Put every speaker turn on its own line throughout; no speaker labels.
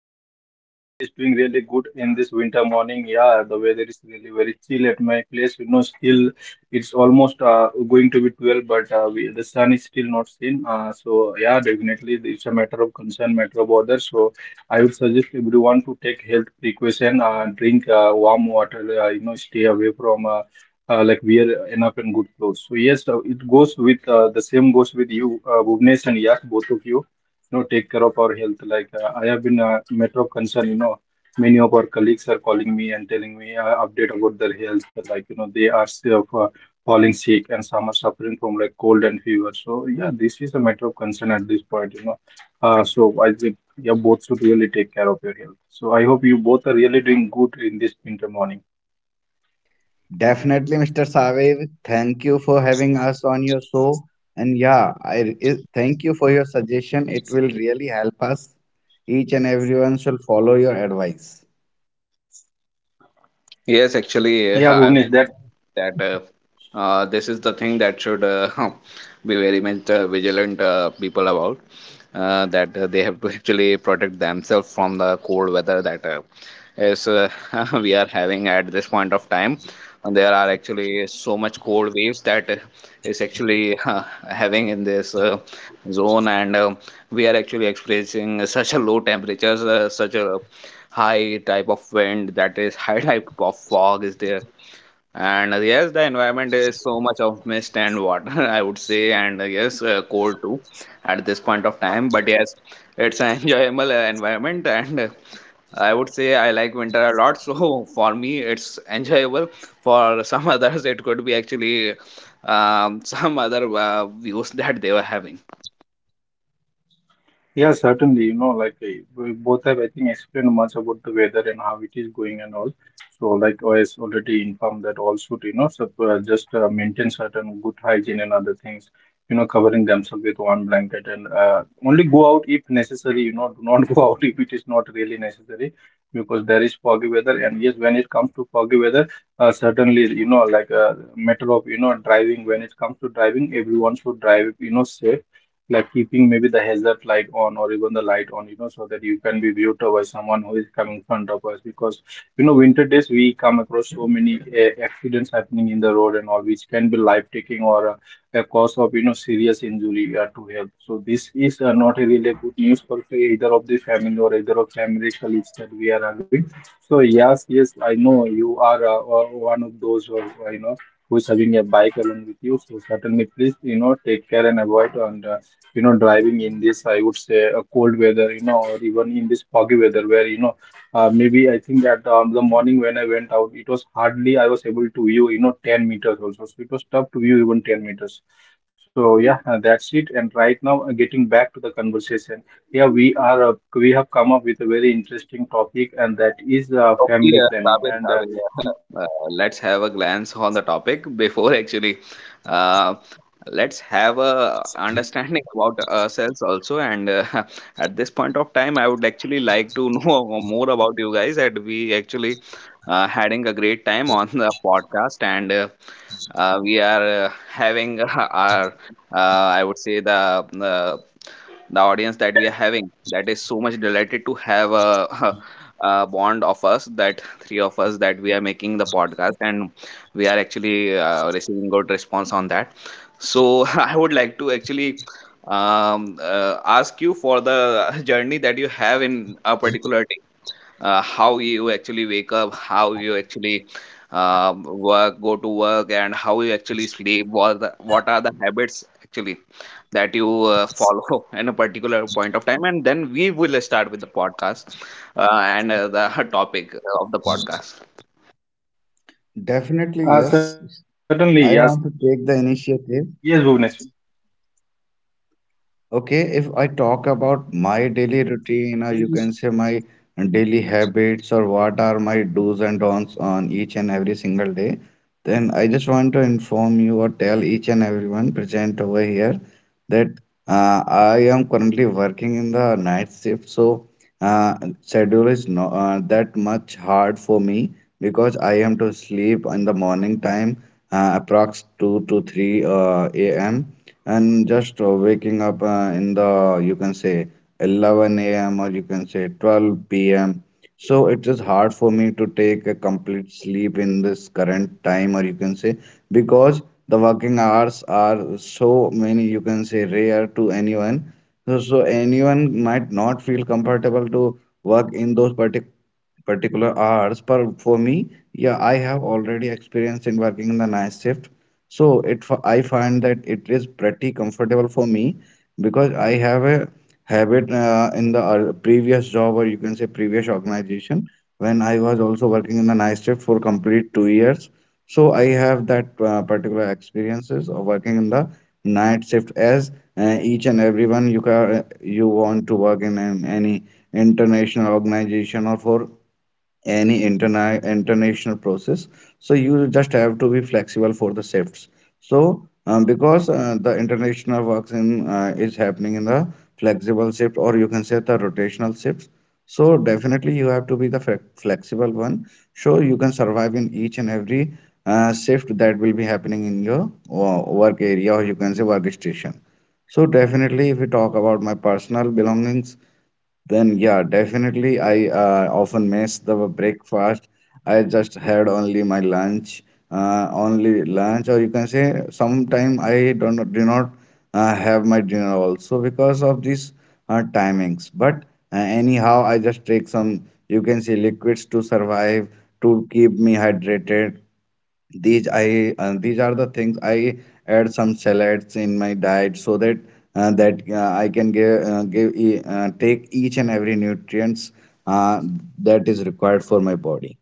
hope everyone is doing really good in this winter morning. Yeah, the weather is really very chill at my place. You know, still it's almost going to be 12, but we, the sun is still not seen. So yeah, definitely it's a matter of concern, matter of order. So I would suggest everyone to take health precaution, drink warm water. Stay away from. Like wear enough and good clothes. So yes, it goes with the same goes with you, Bhuvnesh and Yash, both of you, you know, take care of our health. Like I have been a matter of concern. You know, many of our colleagues are calling me and telling me update about their health. Like you know they are still falling sick, and some are suffering from like cold and fever. So yeah, this is a matter of concern at this point. You know, so I think yeah, both should really take care of your health. So I hope you both are really doing good in this winter morning.
Definitely, Mr. Savev. Thank you for having us on your show. And yeah, I thank you for your suggestion. It will really help us. Each and everyone shall follow your advice.
Yes,
Yeah
actually,
Bhuvnesh,
I
that's…
that this is the thing that should be very much vigilant people about that they have to actually protect themselves from the cold weather that is we are having at this point of time, and there are actually so much cold waves that is actually having in this zone, and we are actually experiencing such a low temperatures, such a high type of wind that is high type of fog is there. And yes, the environment is so much of mist and water, I would say, and yes, cold too at this point of time. But yes, it's an enjoyable environment, and I would say I like winter a lot. So for me, it's enjoyable. For some others, it could be actually some other views that they were having.
Yeah, certainly. You know, like we both have, I think, explained much about the weather and how it is going and all. So, like I has already informed that all should, you know, just maintain certain good hygiene and other things. You know, covering themselves with one blanket and only go out if necessary. You know, do not go out if it is not really necessary, because there is foggy weather. And yes, when it comes to foggy weather, certainly, you know, like a matter of, you know, driving. When it comes to driving, everyone should drive, you know, safe, like keeping maybe the hazard light on or even the light on, you know, so that you can be viewed by someone who is coming in front of us. Because, you know, winter days we come across so many accidents happening in the road and all, which can be life-taking or a cause of, you know, serious injury to health. So this is not a really good news for either of the family or either of family colleagues that we are having. So yes, yes, I know you are one of those who, are, you know, who is having a bike along with you. So certainly, please, you know, take care and avoid. And you know, driving in this, I would say, a cold weather, you know, or even in this foggy weather where you know maybe I think that the morning when I went out, it was hardly I was able to view, you know, 10 meters also, so it was tough to view even 10 meters. So yeah, that's it. And right now, getting back to the conversation, yeah, we have come up with a very interesting topic, and that is
Okay,
family planning,
Sabin,
and uh,
Sabin, uh, let's have a glance on the topic before actually. Uh, let's have a understanding about ourselves also. And at this point of time, I would actually like to know more about you guys. That we actually having a great time on the podcast, and we are having I would say the audience that we are having that is so much delighted to have a bond of us, that three of us, that we are making the podcast, and we are actually receiving good response on that. So I would like to actually ask you for the journey that you have in a particular, how you actually wake up, how you actually work, go to work, and how you actually sleep. What are the habits actually that you follow in a particular point of time, and then we will start with the podcast and the topic of the podcast.
uh,
Definitely,
certainly yes.
yes. I want to
Yes
take the
Bhuvanesh.
initiative. Okay, if I talk about my daily routine, or you can say my daily habits, or what are my do's and don'ts on each and every single day, then I just want to inform you or tell each and everyone present over here that I am currently working in the night shift, so uh, schedule is not that much hard for me because I am to sleep in the morning time, approx 2 to 3 a.m and just waking up in the you can say 11 a.m. or you can say 12 p.m. So it is hard for me to take a complete sleep in this current time, or you can say because the working hours are so many, you can say rare to anyone. So anyone might not feel comfortable to work in those particular hours. But for me, yeah, I have already experience in working in the night shift. So I find that it is pretty comfortable for me because I have a habit in the previous job or you can say previous organization when I was also working in the night shift for complete 2 years. So I have that particular experiences of working in the night shift as each and everyone you can you want to work in an, any international organization or for any international process, so you just have to be flexible for the shifts. So because the international works in is happening in the flexible shift or you can say the rotational shifts. So definitely you have to be the flexible one so you can survive in each and every shift that will be happening in your work area or you can say workstation. So definitely if we talk about my personal belongings, then yeah, definitely I often miss the breakfast. I just had only my lunch, only lunch, or you can say sometime I don't do not have my dinner also because of these timings. But anyhow, I just take some you can say liquids to survive, to keep me hydrated. These are the things I add some salads in my diet so that I can give take each and every nutrients uh, that is required for my body.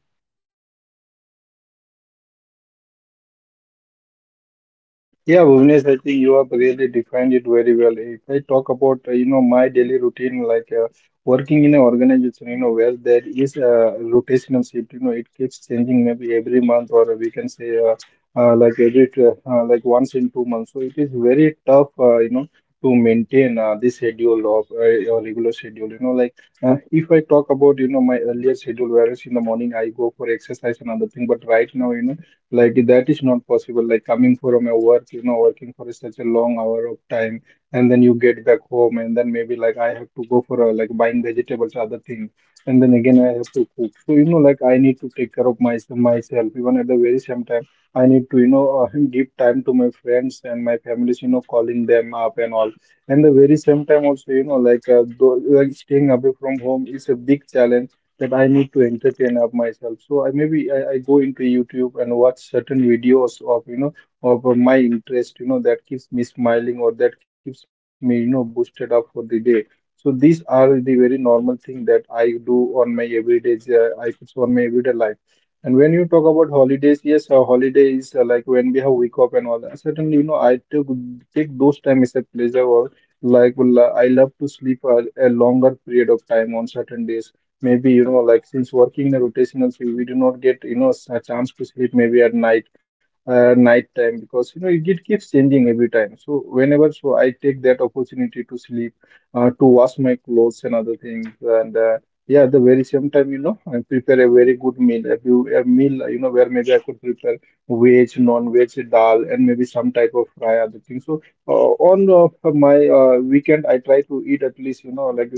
Yeah, Bhuvnesh, I think you have really defined it very well. If I talk about, you know, my daily routine, like working in an organization, you know, where there is a rotational shift, you know, it keeps changing maybe every month, or we can say like every, like once in 2 months. So it is very tough, you know, to maintain this schedule of your regular schedule. You know, like if I talk about, you know, my earlier schedule, whereas in the morning I go for exercise and other thing, but right now, you know, like that is not possible. Like coming from a work, you know, working for such a long hour of time, and then you get back home, and then maybe like I have to go for like buying vegetables, other things, and then again I have to cook. So you know, like I need to take care of myself. Even at the very same time, I need to, you know, give time to my friends and my families, you know, calling them up and all. And the very same time also, you know, like like staying away from home is a big challenge that I need to entertain up myself. So I maybe I go into YouTube and watch certain videos of, you know, of my interest, you know, that keeps me smiling, or that keeps me, you know, boosted up for the day. So these are the very normal thing that I do on my everyday, I could say on my everyday life. And when you talk about holidays, yes, a holiday is like when we have week off and all that. Certainly, you know, I took take those time as a pleasure, or like well, I love to sleep a longer period of time on certain days. Maybe you know, like since working in a rotational field, we do not get, you know, a chance to sleep maybe at night, night time, because you know it keeps changing every time. So whenever, so I take that opportunity to sleep, to wash my clothes and other things. And yeah, at the very same time, you know, I prepare a very good meal, a meal, you know, where maybe I could prepare veg, non-veg, dal, and maybe some type of fry, other things. So on my weekend I try to eat at least, you know, like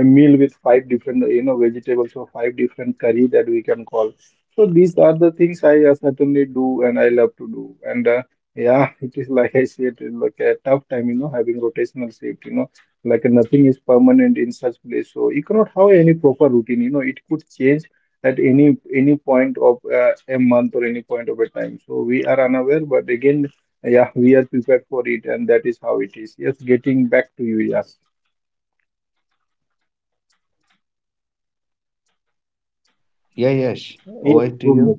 a meal with five different, you know, vegetables or five different curry, that we can call. So these are the things I certainly do and I love to do. And yeah, it is like I said, it's like a tough time, you know, having rotational shift. You know, like nothing is permanent in such place, so you cannot have any proper routine. You know, it could change at any point of a month or any point of a time. So we are unaware, but again, yeah, we are prepared for it, and that is how it is. Yes, getting back to you. Yes,
Yeah, yes,
yes,
over to
good.
you.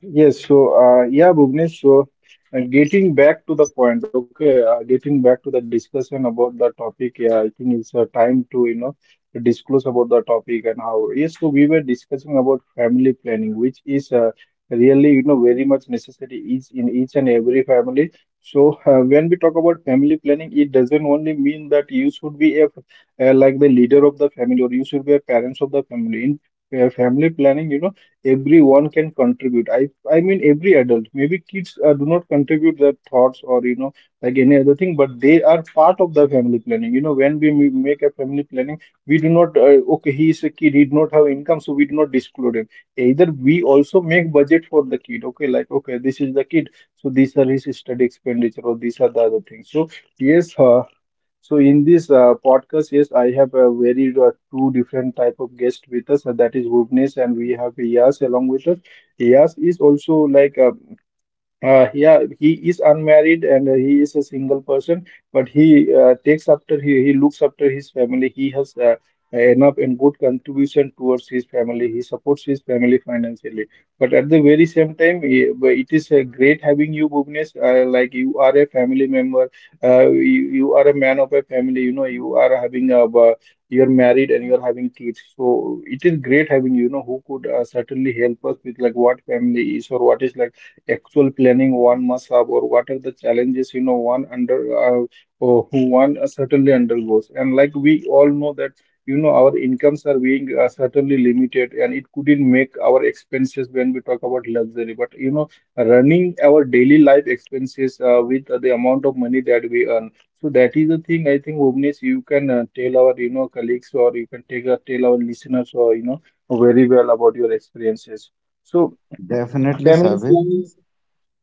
Yes, so yeah, Bhuvnesh, so getting back to the point, okay, getting back to the discussion about the topic, yeah, I think it's time to, you know, disclose about the topic and how. Yes, so we were discussing about family planning, which is really, you know, very much necessary each in each and every family. So when we talk about family planning, it doesn't only mean that you should be like the leader of the family, or you should be a parents of the family. In family planning, you know, everyone can contribute. I mean every adult. Maybe kids do not contribute their thoughts or, you know, like any other thing, but they are part of the family planning. You know, when we make a family planning, we do not okay, he is a kid, he did not have income, so we do not disclose him. Either we also make budget for the kid. Okay, like okay, this is the kid, so these are his study expenditure or these are the other things. So yes, so in this podcast, yes, I have very two different type of guests with us. That is Bhuvnesh, and we have Yas along with us. Yas is also like yeah, he is unmarried and he is a single person, but he he looks after his family. He has enough and good contribution towards his family. He supports his family financially. But at the very same time, but it is great having you, Bhuvnesh. Like you are a family member, you are a man of a family. You know, you are having a you're married and you're having kids. So it is great having, you know, who could certainly help us with like what family is, or what is like actual planning one must have, or what are the challenges, you know, one under uh, or who one certainly undergoes. And like we all know that, you know, our incomes are being certainly limited, and it couldn't make our expenses when we talk about luxury, but you know running our daily life expenses with the amount of money that we earn. So that is the thing, I think, Bhuvnesh, you can tell our, you know, colleagues, or you can take tell our listeners, or you know very well about your experiences. So
Definitely,
family
Sabir.
planning.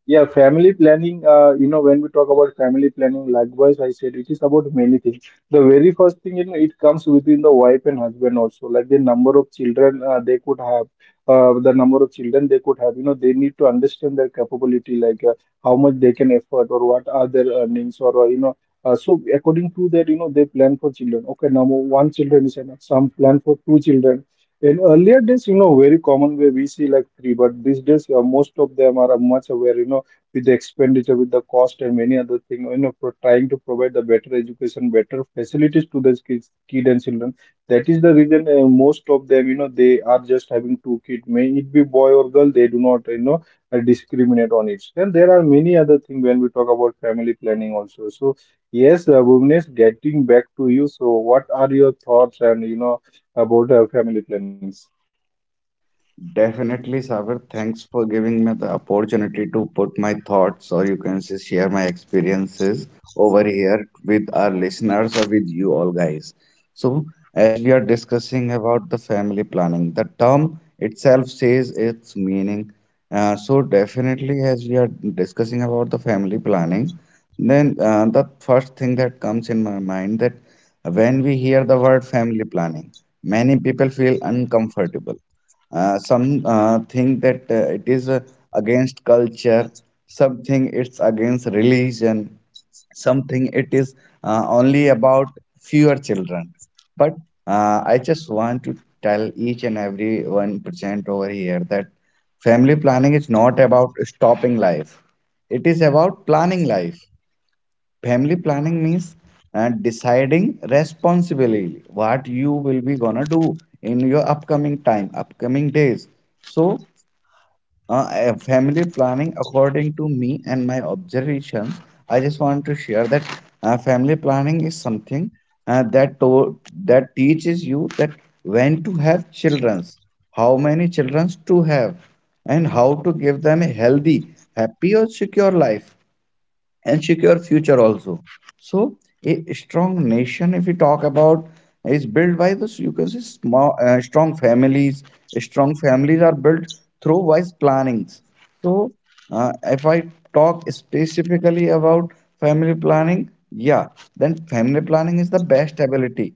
Yeah, family planning, when we talk about family planning, likewise, I said it is about many things. The very first thing, it comes within the wife and husband also, like the number of children they could have, the number of children they could have, they need to understand their capability, like how much they can afford, or what are their earnings, or, so according to that, they plan for children. Okay, now one children is enough. Some plan for two children. In earlier days, very common way we see like three, but these days most of them are much aware, with the expenditure, with the cost and many other thing, for trying to provide the better education, better facilities to the kids, kid and children. That is the reason most of them, they are just having two kids. May it be boy or girl, they do not, discriminate on it. Then there are many other things when we talk about family planning also. So yes, Bhuvnesh, getting back to you. So what are your thoughts, and you know? About family plannings?
Definitely, Sagar. Thanks for giving me the opportunity to put my thoughts, or you can say share my experiences over here with our listeners or with you all guys. So, as we are discussing about the family planning, the term itself says its meaning. So, definitely, as we are discussing about the family planning, then the first thing that comes in my mind that when we hear the word family planning, many people feel uncomfortable. Some think that it is against culture, something it's against religion, something it is only about fewer children. But I just want to tell each and every 1% over here that family planning is not about stopping life. It is about planning life. Family planning means deciding responsibly what you will be gonna do in your upcoming time, upcoming days. So, family planning, according to me and my observations, I just want to share that family planning is something uh, that to that teaches you that when to have childrens, how many childrens to have, and how to give them a healthy, happy, or secure life and secure future also. So a strong nation, if we talk about, is built by this. You can say small, strong families. Strong families are built through wise plannings. So if I talk specifically about family planning, yeah, then family planning is the best ability,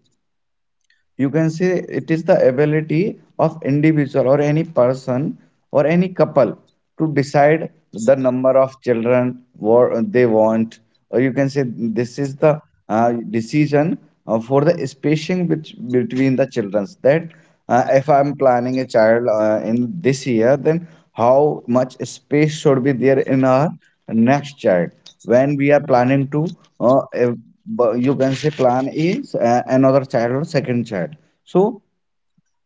you can say it is the ability of individual or any person or any couple to decide the number of children they want, or you can say this is the decision for the spacing which, between the childrens, that if I'm planning a child in this year, then how much space should be there in our next child when we are planning to uh, uh, you can say plan is another child or second child. So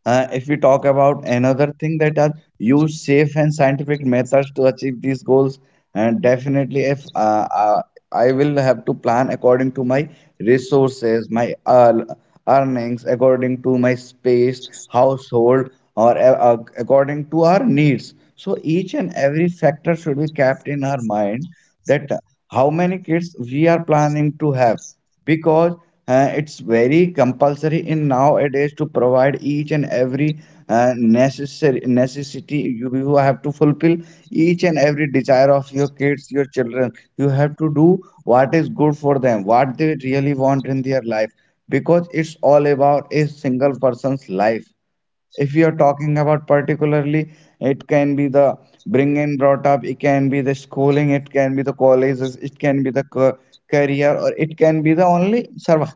if we talk about another thing, that are use safe and scientific methods to achieve these goals, and definitely if I will have to plan according to my resources, my earnings, according to my space, household, or according to our needs. So each and every factor should be kept in our mind that how many kids we are planning to have, because it's very compulsory in nowadays to provide each and every necessary necessity. You have to fulfill each and every desire of your kids, your children. You have to do what is good for them, what they really want in their life, because it's all about a single person's life. If we are talking about particularly, it can be the bring and brought up, it can be the schooling, it can be the colleges, it can be the career, or it can be the only survival.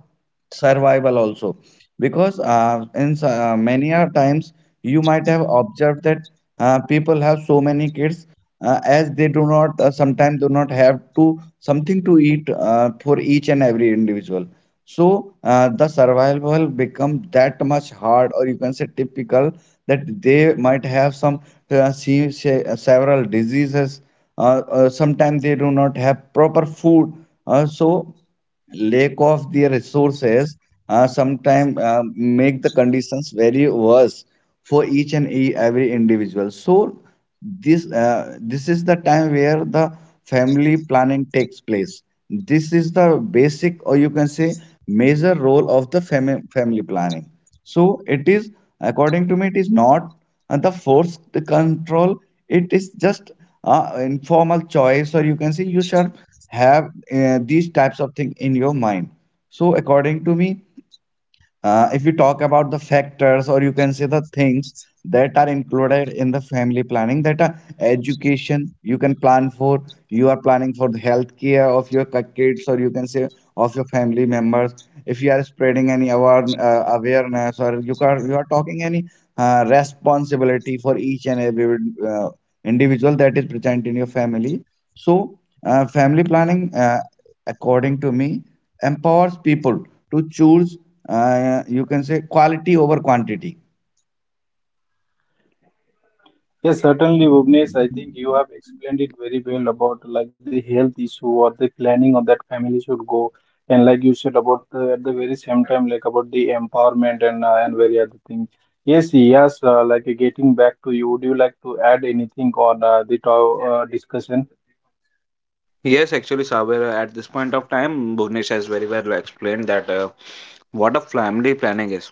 Survival also, because many a times you might have observed that people have so many kids, as they do not sometimes do not have to something to eat for each and every individual. So the survival become that much hard, or you can say typical, that they might have some several diseases. Sometimes they do not have proper food. So lack of their resources sometimes make the conditions very worse for each and every individual. So this is the time where the family planning takes place. This is the basic, or you can say, major role of the family planning. So it is, according to me, it is not the forced control, it is just informal choice, or you can say you should have these types of thing in your mind. So according to me, if we talk about the factors, or you can say the things that are included in the family planning, that are education you can plan for, you are planning for the health care of your kids, or you can say of your family members. If you are spreading any awareness, or you are talking any responsibility for each and every uh, individual that is present in your family. So, family planning, according to me, empowers people to choose you can say quality over quantity.
Yes, certainly, Bhuvnesh. I think you have explained it very well about like the health issue or the planning of that family should go, and like you said about at the very same time like about the empowerment, and and very other things. Yes, yes. Like getting back to you, would you like to add anything on the discussion?
Yes, actually, Saber, at this point of time, Bhuvnesh has very well explained that what a family planning is.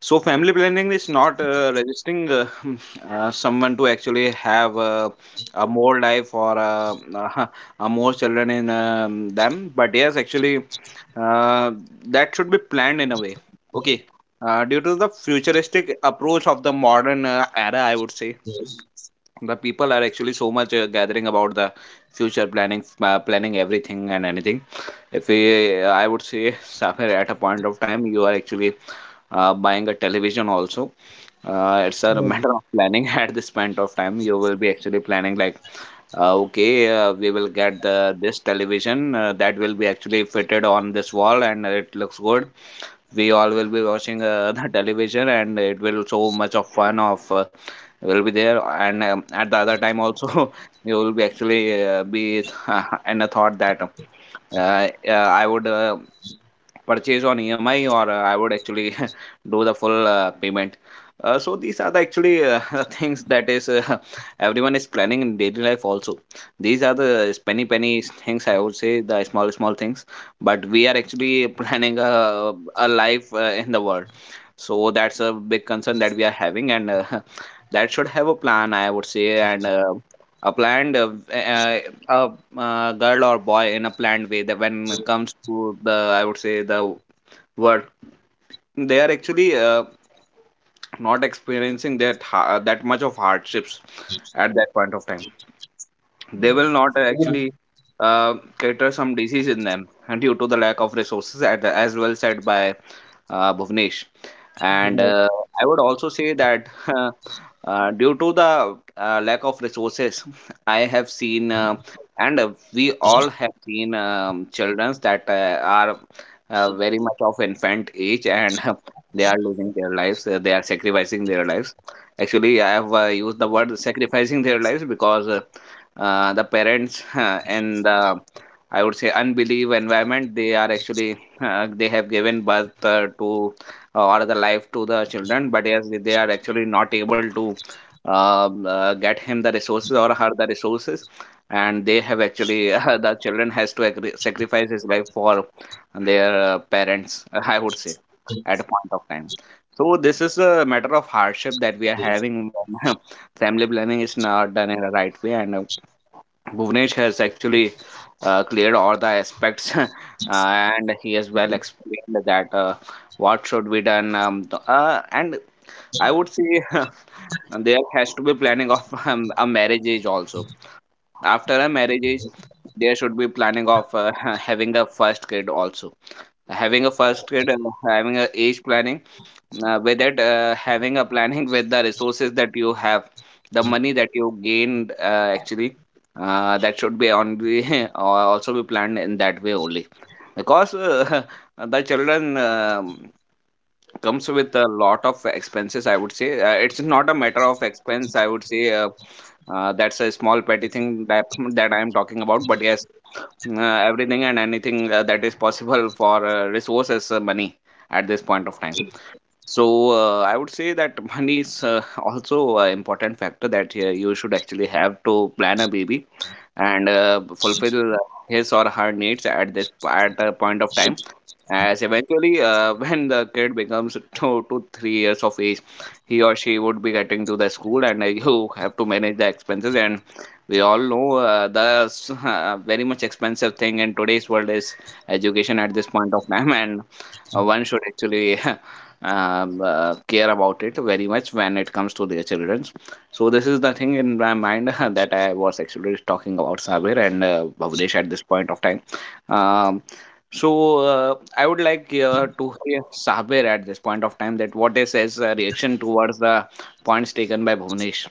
So family planning is not resisting someone to actually have a more life or a more children in them, but yes, actually uh, that should be planned in a way. Okay, due to the futuristic approach of the modern era, I would say the people are actually so much gathering about the future planning, planning everything and anything. If we, I would say somewhere at a point of time you are actually buying a television also. It's a
Yes.
matter of planning. At this point of time you will be actually planning like, okay, we will get the this television that will be actually fitted on this wall and it looks good. We all will be watching the television, and it will so much of fun of will be there. And at the other time also you will be actually be in a thought that I would purchase on EMI, or I would actually do the full payment. So these are the actually the things that is everyone is planning in daily life also. These are the penny penny things, I would say, the small small things, but we are actually planning a life in the world. So that's a big concern that we are having, and that should have a plan, I would say, and a plan uh, a girl or boy in a planned way, that when it comes to the, I would say, the world, they are actually not experiencing that much of hardships. At that point of time they will not actually cater some disease in them, and due to the lack of resources, as well said by Bhuvnesh. And I would also say that due to the lack of resources, I have seen, and we all have seen children that are very much of infant age, and they are losing their lives, they are sacrificing their lives. Actually, I have used the word sacrificing their lives because the parents and the, I would say, unbelief environment, they are actually they have given birth to or the life to the children, but yes, they are actually not able to get him the resources or her the resources, and they have actually the children has to sacrifice his life for their parents, I would say, at a point of time. So this is a matter of hardship that we are having when family planning is not done in a right way. And. Bhuvnesh has actually cleared all the aspects, and he has well explained that what should be done. And I would say there has to be planning of a marriage age also. After a marriage age, there should be planning of having a first kid also. Having a first kid, having a age planning with it, having a planning with the resources that you have, the money that you gained, actually that should be on the or also be planned in that way only, because the children comes with a lot of expenses, I would say. It's not a matter of expense, I would say, that's a small petty thing that that I am talking about. But yes, everything and anything that is possible for resources, money at this point of time. So, I would say that money is also an important factor, that you should actually have to plan a baby and fulfill his or her needs at this at a point of time, as eventually when the kid becomes 2 to 3 years of age, he or she would be getting to the school, and you have to manage the expenses. And we all know the s- very much expensive thing in today's world is education at this point of time. And one should actually care about it very much when it comes to their children's. So this is the thing in my mind that I was actually talking about, Sabir and Bhavdesh, at this point of time. Um, so I would like to, yeah, Saber, at this point of time, that what is his reaction towards the points taken by Bhuvnesh.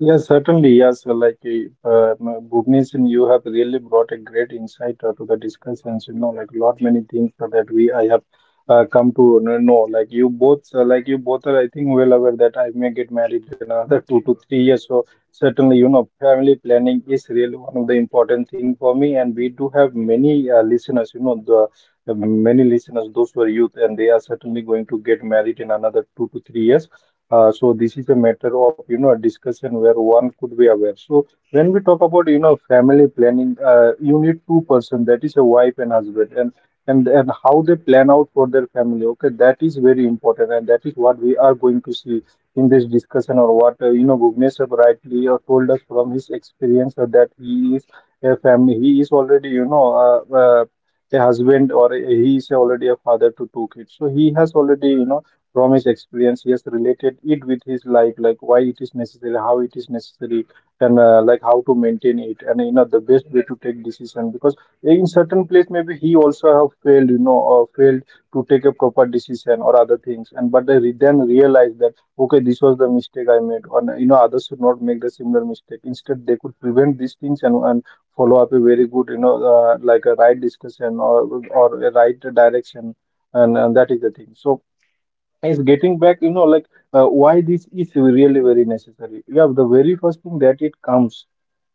Yes, certainly. Yes, well, like Bhuvnesh, you have really brought a great insight to the discussions. Like lot many things that we I have come to know. Like you both are, I think, well aware that I may get married in another 2 to 3 years. So certainly, family planning is really one of the important thing for me. And we do have many listeners. The many listeners, those who are youth, and they are certainly going to get married in another 2 to 3 years. So this is a matter of discussion where one could be aware. So when we talk about family planning, you need two person, that is a wife and husband, and how they plan out for their family. Okay, that is very important, and that is what we are going to see in this discussion, or what Bhuvnesh have rightly told us from his experience, that he is a family. He is already. Uh, uh, a husband, or he is already a father to two kids, so he has already, from his experience, he has related it with his life, like why it is necessary, how it is necessary, and like how to maintain it, and the best way to take decision. Because in certain place, maybe he also have failed, or failed to take a proper decision or other things, and but they then realize that okay, this was the mistake I made, or others should not make the similar mistake. Instead, they could prevent these things, and follow up a very good, like a right discussion, or a right direction, and that is the thing. So is getting back, like why this is really very necessary. Yeah, the very first thing that it comes,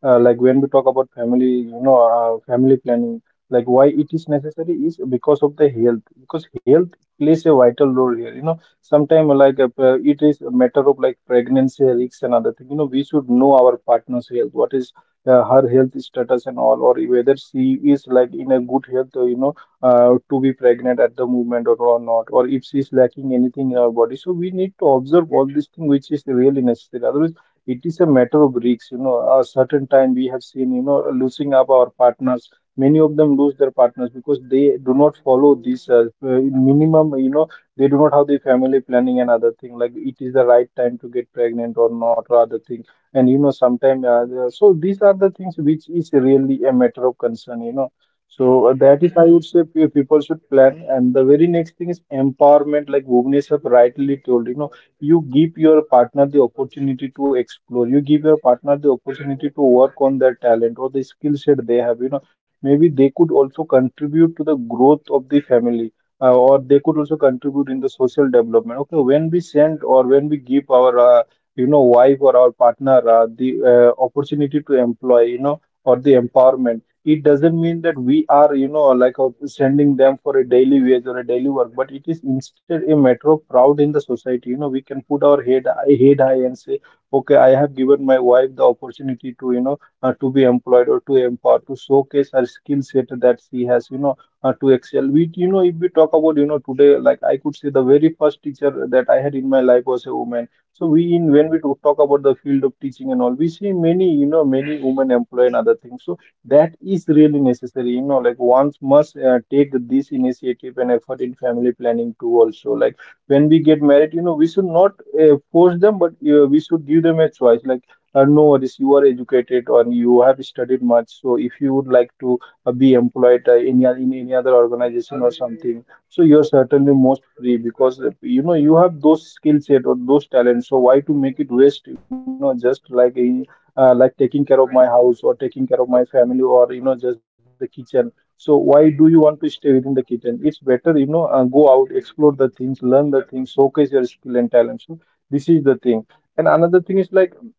like when we talk about family, family planning, like why it is necessary is because of the health. Because health plays a vital role here. Sometimes like it is a matter of like pregnancy risks and other thing. We should know our partner's health, what is her health status and all, or whether she is like in a good health, to be pregnant at the movement, or not, or if she's lacking anything in our body. So we need to observe all these things, which is really necessary. Otherwise, it is a matter of risks. A certain time we have seen, losing up our partners. Many of them lose their partners because they do not follow this minimum, they do not have the family planning and other thing, like it is the right time to get pregnant or not, or other thing. And sometimes, so these are the things which is really a matter of concern, so that is, I would say, people should plan. And the very next thing is empowerment, like Bhuvnesh have rightly told. You give your partner the opportunity to explore. You give your partner the opportunity to work on their talent or the skill set they have. Maybe they could also contribute to the growth of the family. Or they could also contribute in the social development. Okay, when we send, or when we give our, wife or our partner the opportunity to employ, or the empowerment, it doesn't mean that we are, like sending them for a daily wage or a daily work, but it is instead a matter of proud in the society. We can put our head high and say, okay, I have given my wife the opportunity to, to be employed or to empower, to showcase her skill set that she has, to excel. We, if we talk about, today, like I could say, the very first teacher that I had in my life was a woman. So we, in when we talk about the field of teaching and all, we see many, many women employed and other things. So that is really necessary, like one must take this initiative and effort in family planning too also. Like when we get married, we should not force them, but we should give them a choice, like no worries, you are educated or you have studied much, so if you would like to be employed, in any other organization or something, so you're certainly most free. Because you have those skill set or those talents, so why to make it waste, just like, like taking care of my house, or taking care of my family, or just the kitchen. So why do you want to stay within the kitchen? It's better, go out, explore the things, learn the things, showcase your skill and talent. So this is the thing. And another thing is like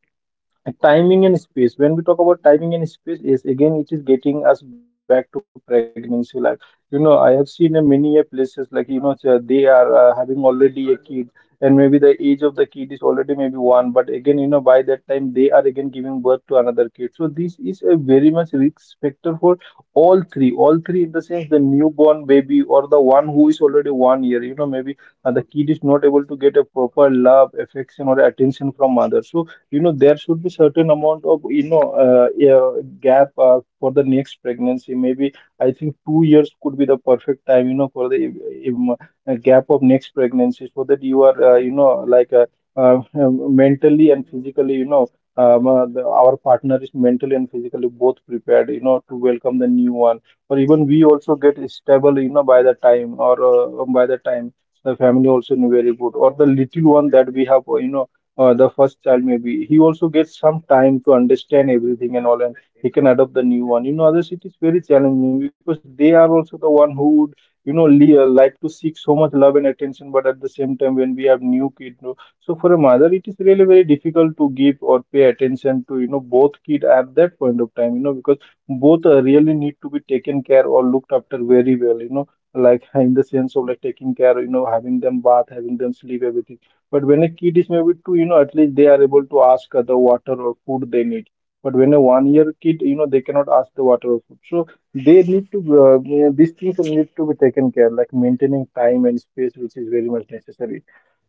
timing and space. When we talk about timing and space, is again it is getting us back to pregnancy. Like I have seen in many a places, like so they are having already a kid, and maybe the age of the kid is already maybe one, but again, by that time they are again giving birth to another kid. So this is a very much risk factor for all three, in the sense the newborn baby or the one who is already 1 year. Maybe the kid is not able to get a proper love, affection or attention from mother. So, there should be certain amount of, gap, for the next pregnancy. Maybe I think 2 years could be the perfect time, for the um, uh, gap of next pregnancy. So that you are, like uh, mentally and physically, our partner is mentally and physically both prepared, to welcome the new one. Or even we also get stable, by the time, or by the time, the family also in very good, or the little one that we have, the first child, maybe he also gets some time to understand everything and all, and he can adopt the new one. Others, it is very challenging because they are also the one who would, like to seek so much love and attention. But at the same time, when we have new kid, no, so for a mother, it is really very difficult to give or pay attention to, both kid at that point of time, because both really need to be taken care or looked after very well, like in the sense of Like taking care, having them bath, having them sleep everything. But when a kid is maybe two, at least they are able to ask the water or food they need. But when a 1-year kid, they cannot ask the water or food. So they need to, these things need to be taken care, like maintaining time and space, which is very much necessary.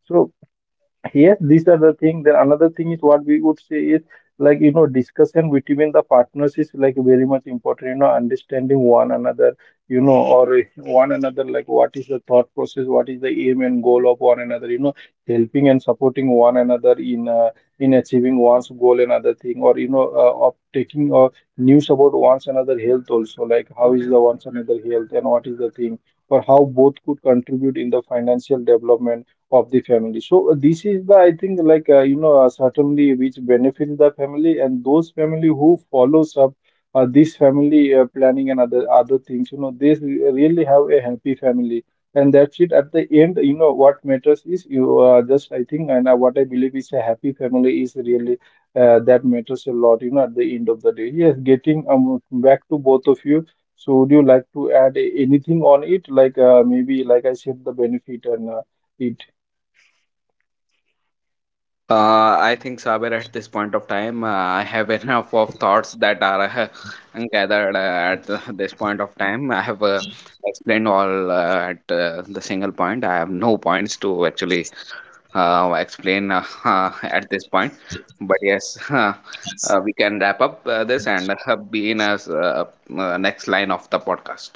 So, yes, these are the thing. Then another thing is what we would say is like discussion between the partners is like very much important. Understanding one another. Or if one another, like, what is the thought process, what is the aim and goal of one another. Helping and supporting one another in achieving one's goal and other thing. Or of taking news about one's another health also. Like, how is the one's another health, and what is the thing, or how both could contribute in the financial development of the family. So, this is the, I think, like certainly which benefits the family, and those family who follows up this family planning and other things. They really have a happy family, and that's it. At the end, you know what matters is you just, I think, and what I believe is, a happy family is really. That matters a lot, at the end of the day. Yes, getting back to both of you. So, would you like to add anything on it? Like, maybe, like I said, the benefit and it.
I think, Saber, at this point of time, I have enough of thoughts that are gathered at this point of time. I have explained all at the single point. I have no points to actually explain at this point. But yes, we can wrap up this and be in a next line of the podcast.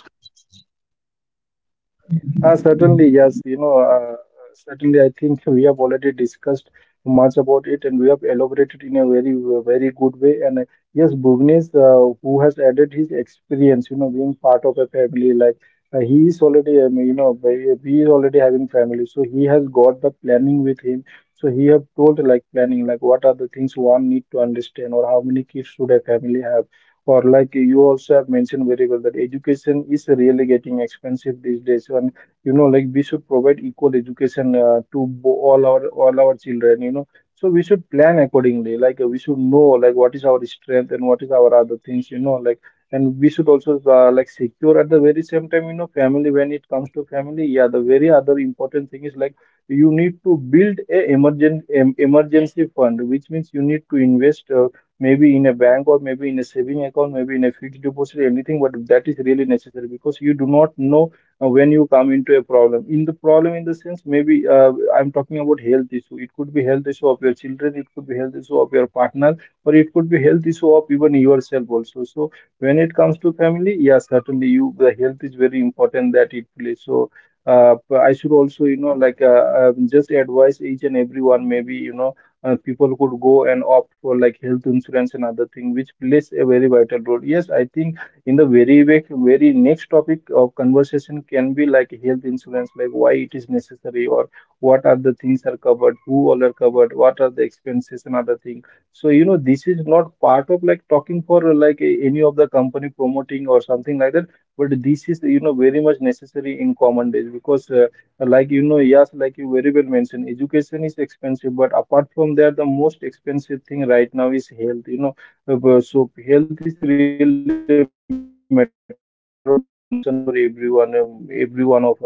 Certainly, yes. Certainly, I think we have already discussed much about it, and we have elaborated in a very, very good way. And yes, Bhuvnes, who has added his experience, being part of a family, like he is already, you know, by- he is already having family. So he has got the planning with him. So he have told, like, planning, like what are the things one need to understand, or how many kids should a family have, or like you also have mentioned very well that education is really getting expensive these days. And like we should provide equal education to all our children. So we should plan accordingly, like we should know, like, what is our strength and what is our other things, and we should also like secure at the very same time, family. When it comes to family, yeah, the very other important thing is, like, you need to build a emergency fund, which means you need to invest maybe in a bank, or maybe in a saving account, maybe in a fixed deposit, anything, but that is really necessary because you do not know when you come into a problem. In the problem, in the sense, maybe I'm talking about health issue. It could be health issue of your children, it could be health issue of your partner, or it could be health issue of even yourself also. So when it comes to family, yeah, certainly you the health is very important that it plays. So I should also, like, just advise each and everyone, maybe. People could go and opt for, like, health insurance and other thing, which plays a very vital role. Yes, I think in the very next topic of conversation can be, like, health insurance, like, why it is necessary, or what are the things are covered, who all are covered, what are the expenses and other thing. So this is not part of, like, talking for like any of the company promoting or something like that, but this is very much necessary in common days, because like, yes, like you very well mentioned, education is expensive, but apart from that, the most expensive thing right now is health. But so health is really a matter of concern for everyone, every one of us. So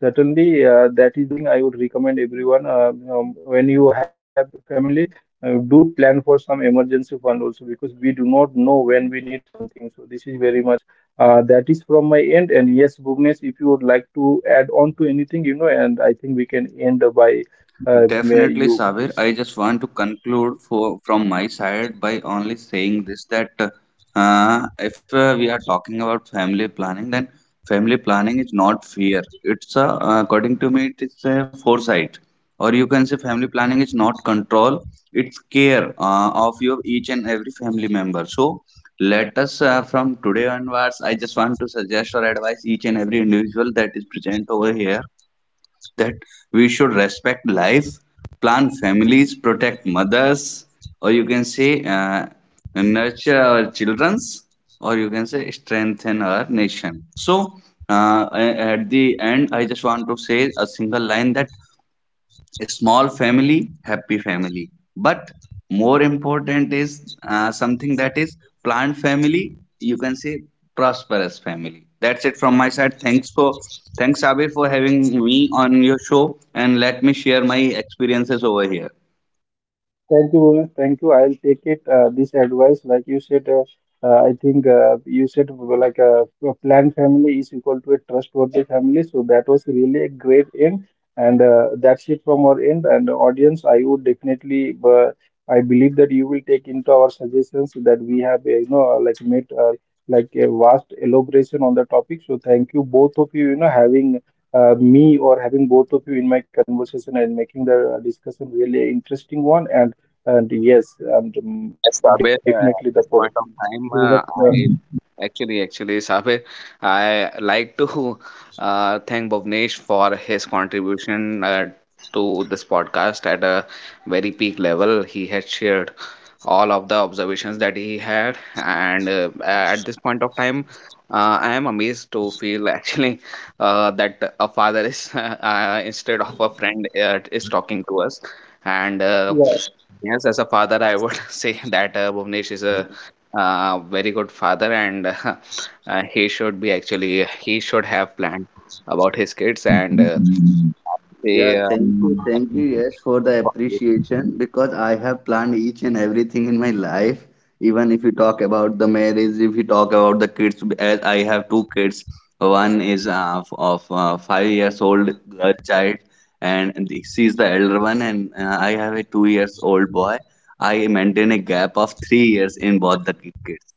certainly, that is the thing I would recommend everyone. When you have family, do plan for some emergency fund also, because we do not know when we need something. So this is very much. That is from my end. And yes, Bhuvnesh, if you would like to add on to anything, and I think we can end by uh,
Definitely,
you.
Sabir. I
It's
just want to conclude from my side by only saying this that if we are talking about family planning, then family planning is not fear. It's a, according to me, it is a foresight, or you can say family planning is not control. It's care of your each and every family member. So let us from today onwards. I just want to suggest or advise each and every individual that is present over here that we should respect life, plan families, protect mothers, or you can say nurture our childrens, or you can say strengthen our nation. So uh, at the end, I just want to say a single line that a small family, happy family. But more important is something that is plant family, you can say prosperous family. That's it from my side. Thanks Abir for having me on your show and let me share my experiences over here.
Thank you, Bhuvnesh. Thank you. I'll take it. This advice, like you said, I think, you said like a planned family is equal to a trustworthy family. So that was really a great end, and that's it from our end. And audience, I would definitely. I believe that you will take into our suggestions that we have, like made like a vast elaboration on the topic. So thank you both of you, having me or having both of you in my conversation, and making the discussion really interesting one. And yes, and
Yes,
definitely
Sabir,
the product.
at this point
So
of
that,
time, I actually, Sabir, I like to thank Bhuvnesh for his contribution to this podcast at a very peak level. He had shared all of the observations that he had, and at this point of time, I am amazed to feel actually that a father is, instead of a friend, is talking to us. And
yeah.
yes, as a father, I would say that Bhuvnesh is a very good father, and he should be actually he should have planned about his kids, and
Yeah,
they
thank you, yes, for the appreciation because I have planned each and everything in my life. Even if you talk about the marriage, if you talk about the kids, as I have two kids, one is f- of 5 years old girl child, and she is the elder one, and I have a 2 years old boy. I maintain a gap of 3 years in both the kids.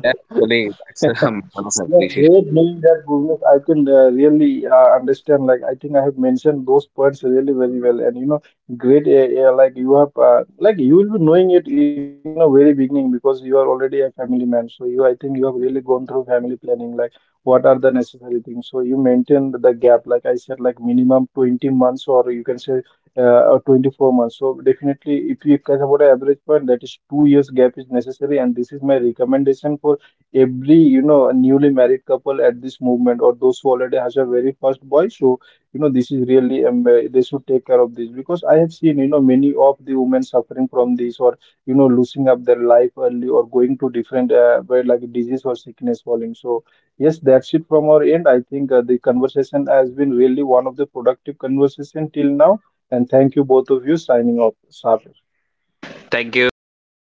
yeah, actually that's one of
Yeah,
appreciation.
great knowing that, Bhuvnesh. I can really understand. Like, I think I have mentioned those points really very well, and great. Like you have, like you will be knowing it in a very beginning, because you are already a family man. So you, I think, you have really gone through family planning. Like, what are the necessary things? So you maintain the gap. Like I said, like minimum 20 months, or you can say or 24 months. So definitely, if you care about an average point, that is 2 years gap is necessary, and this is my recommendation for every newly married couple at this movement, or those who already has a very first boy. So this is really they should take care of this, because I have seen many of the women suffering from this, or losing up their life early, or going to different where, like, disease or sickness falling. So yes, that's it from our end. I think the conversation has been really one of the productive conversation till now, and thank you both of you. Signing off, Saf.
Thank you.
Thank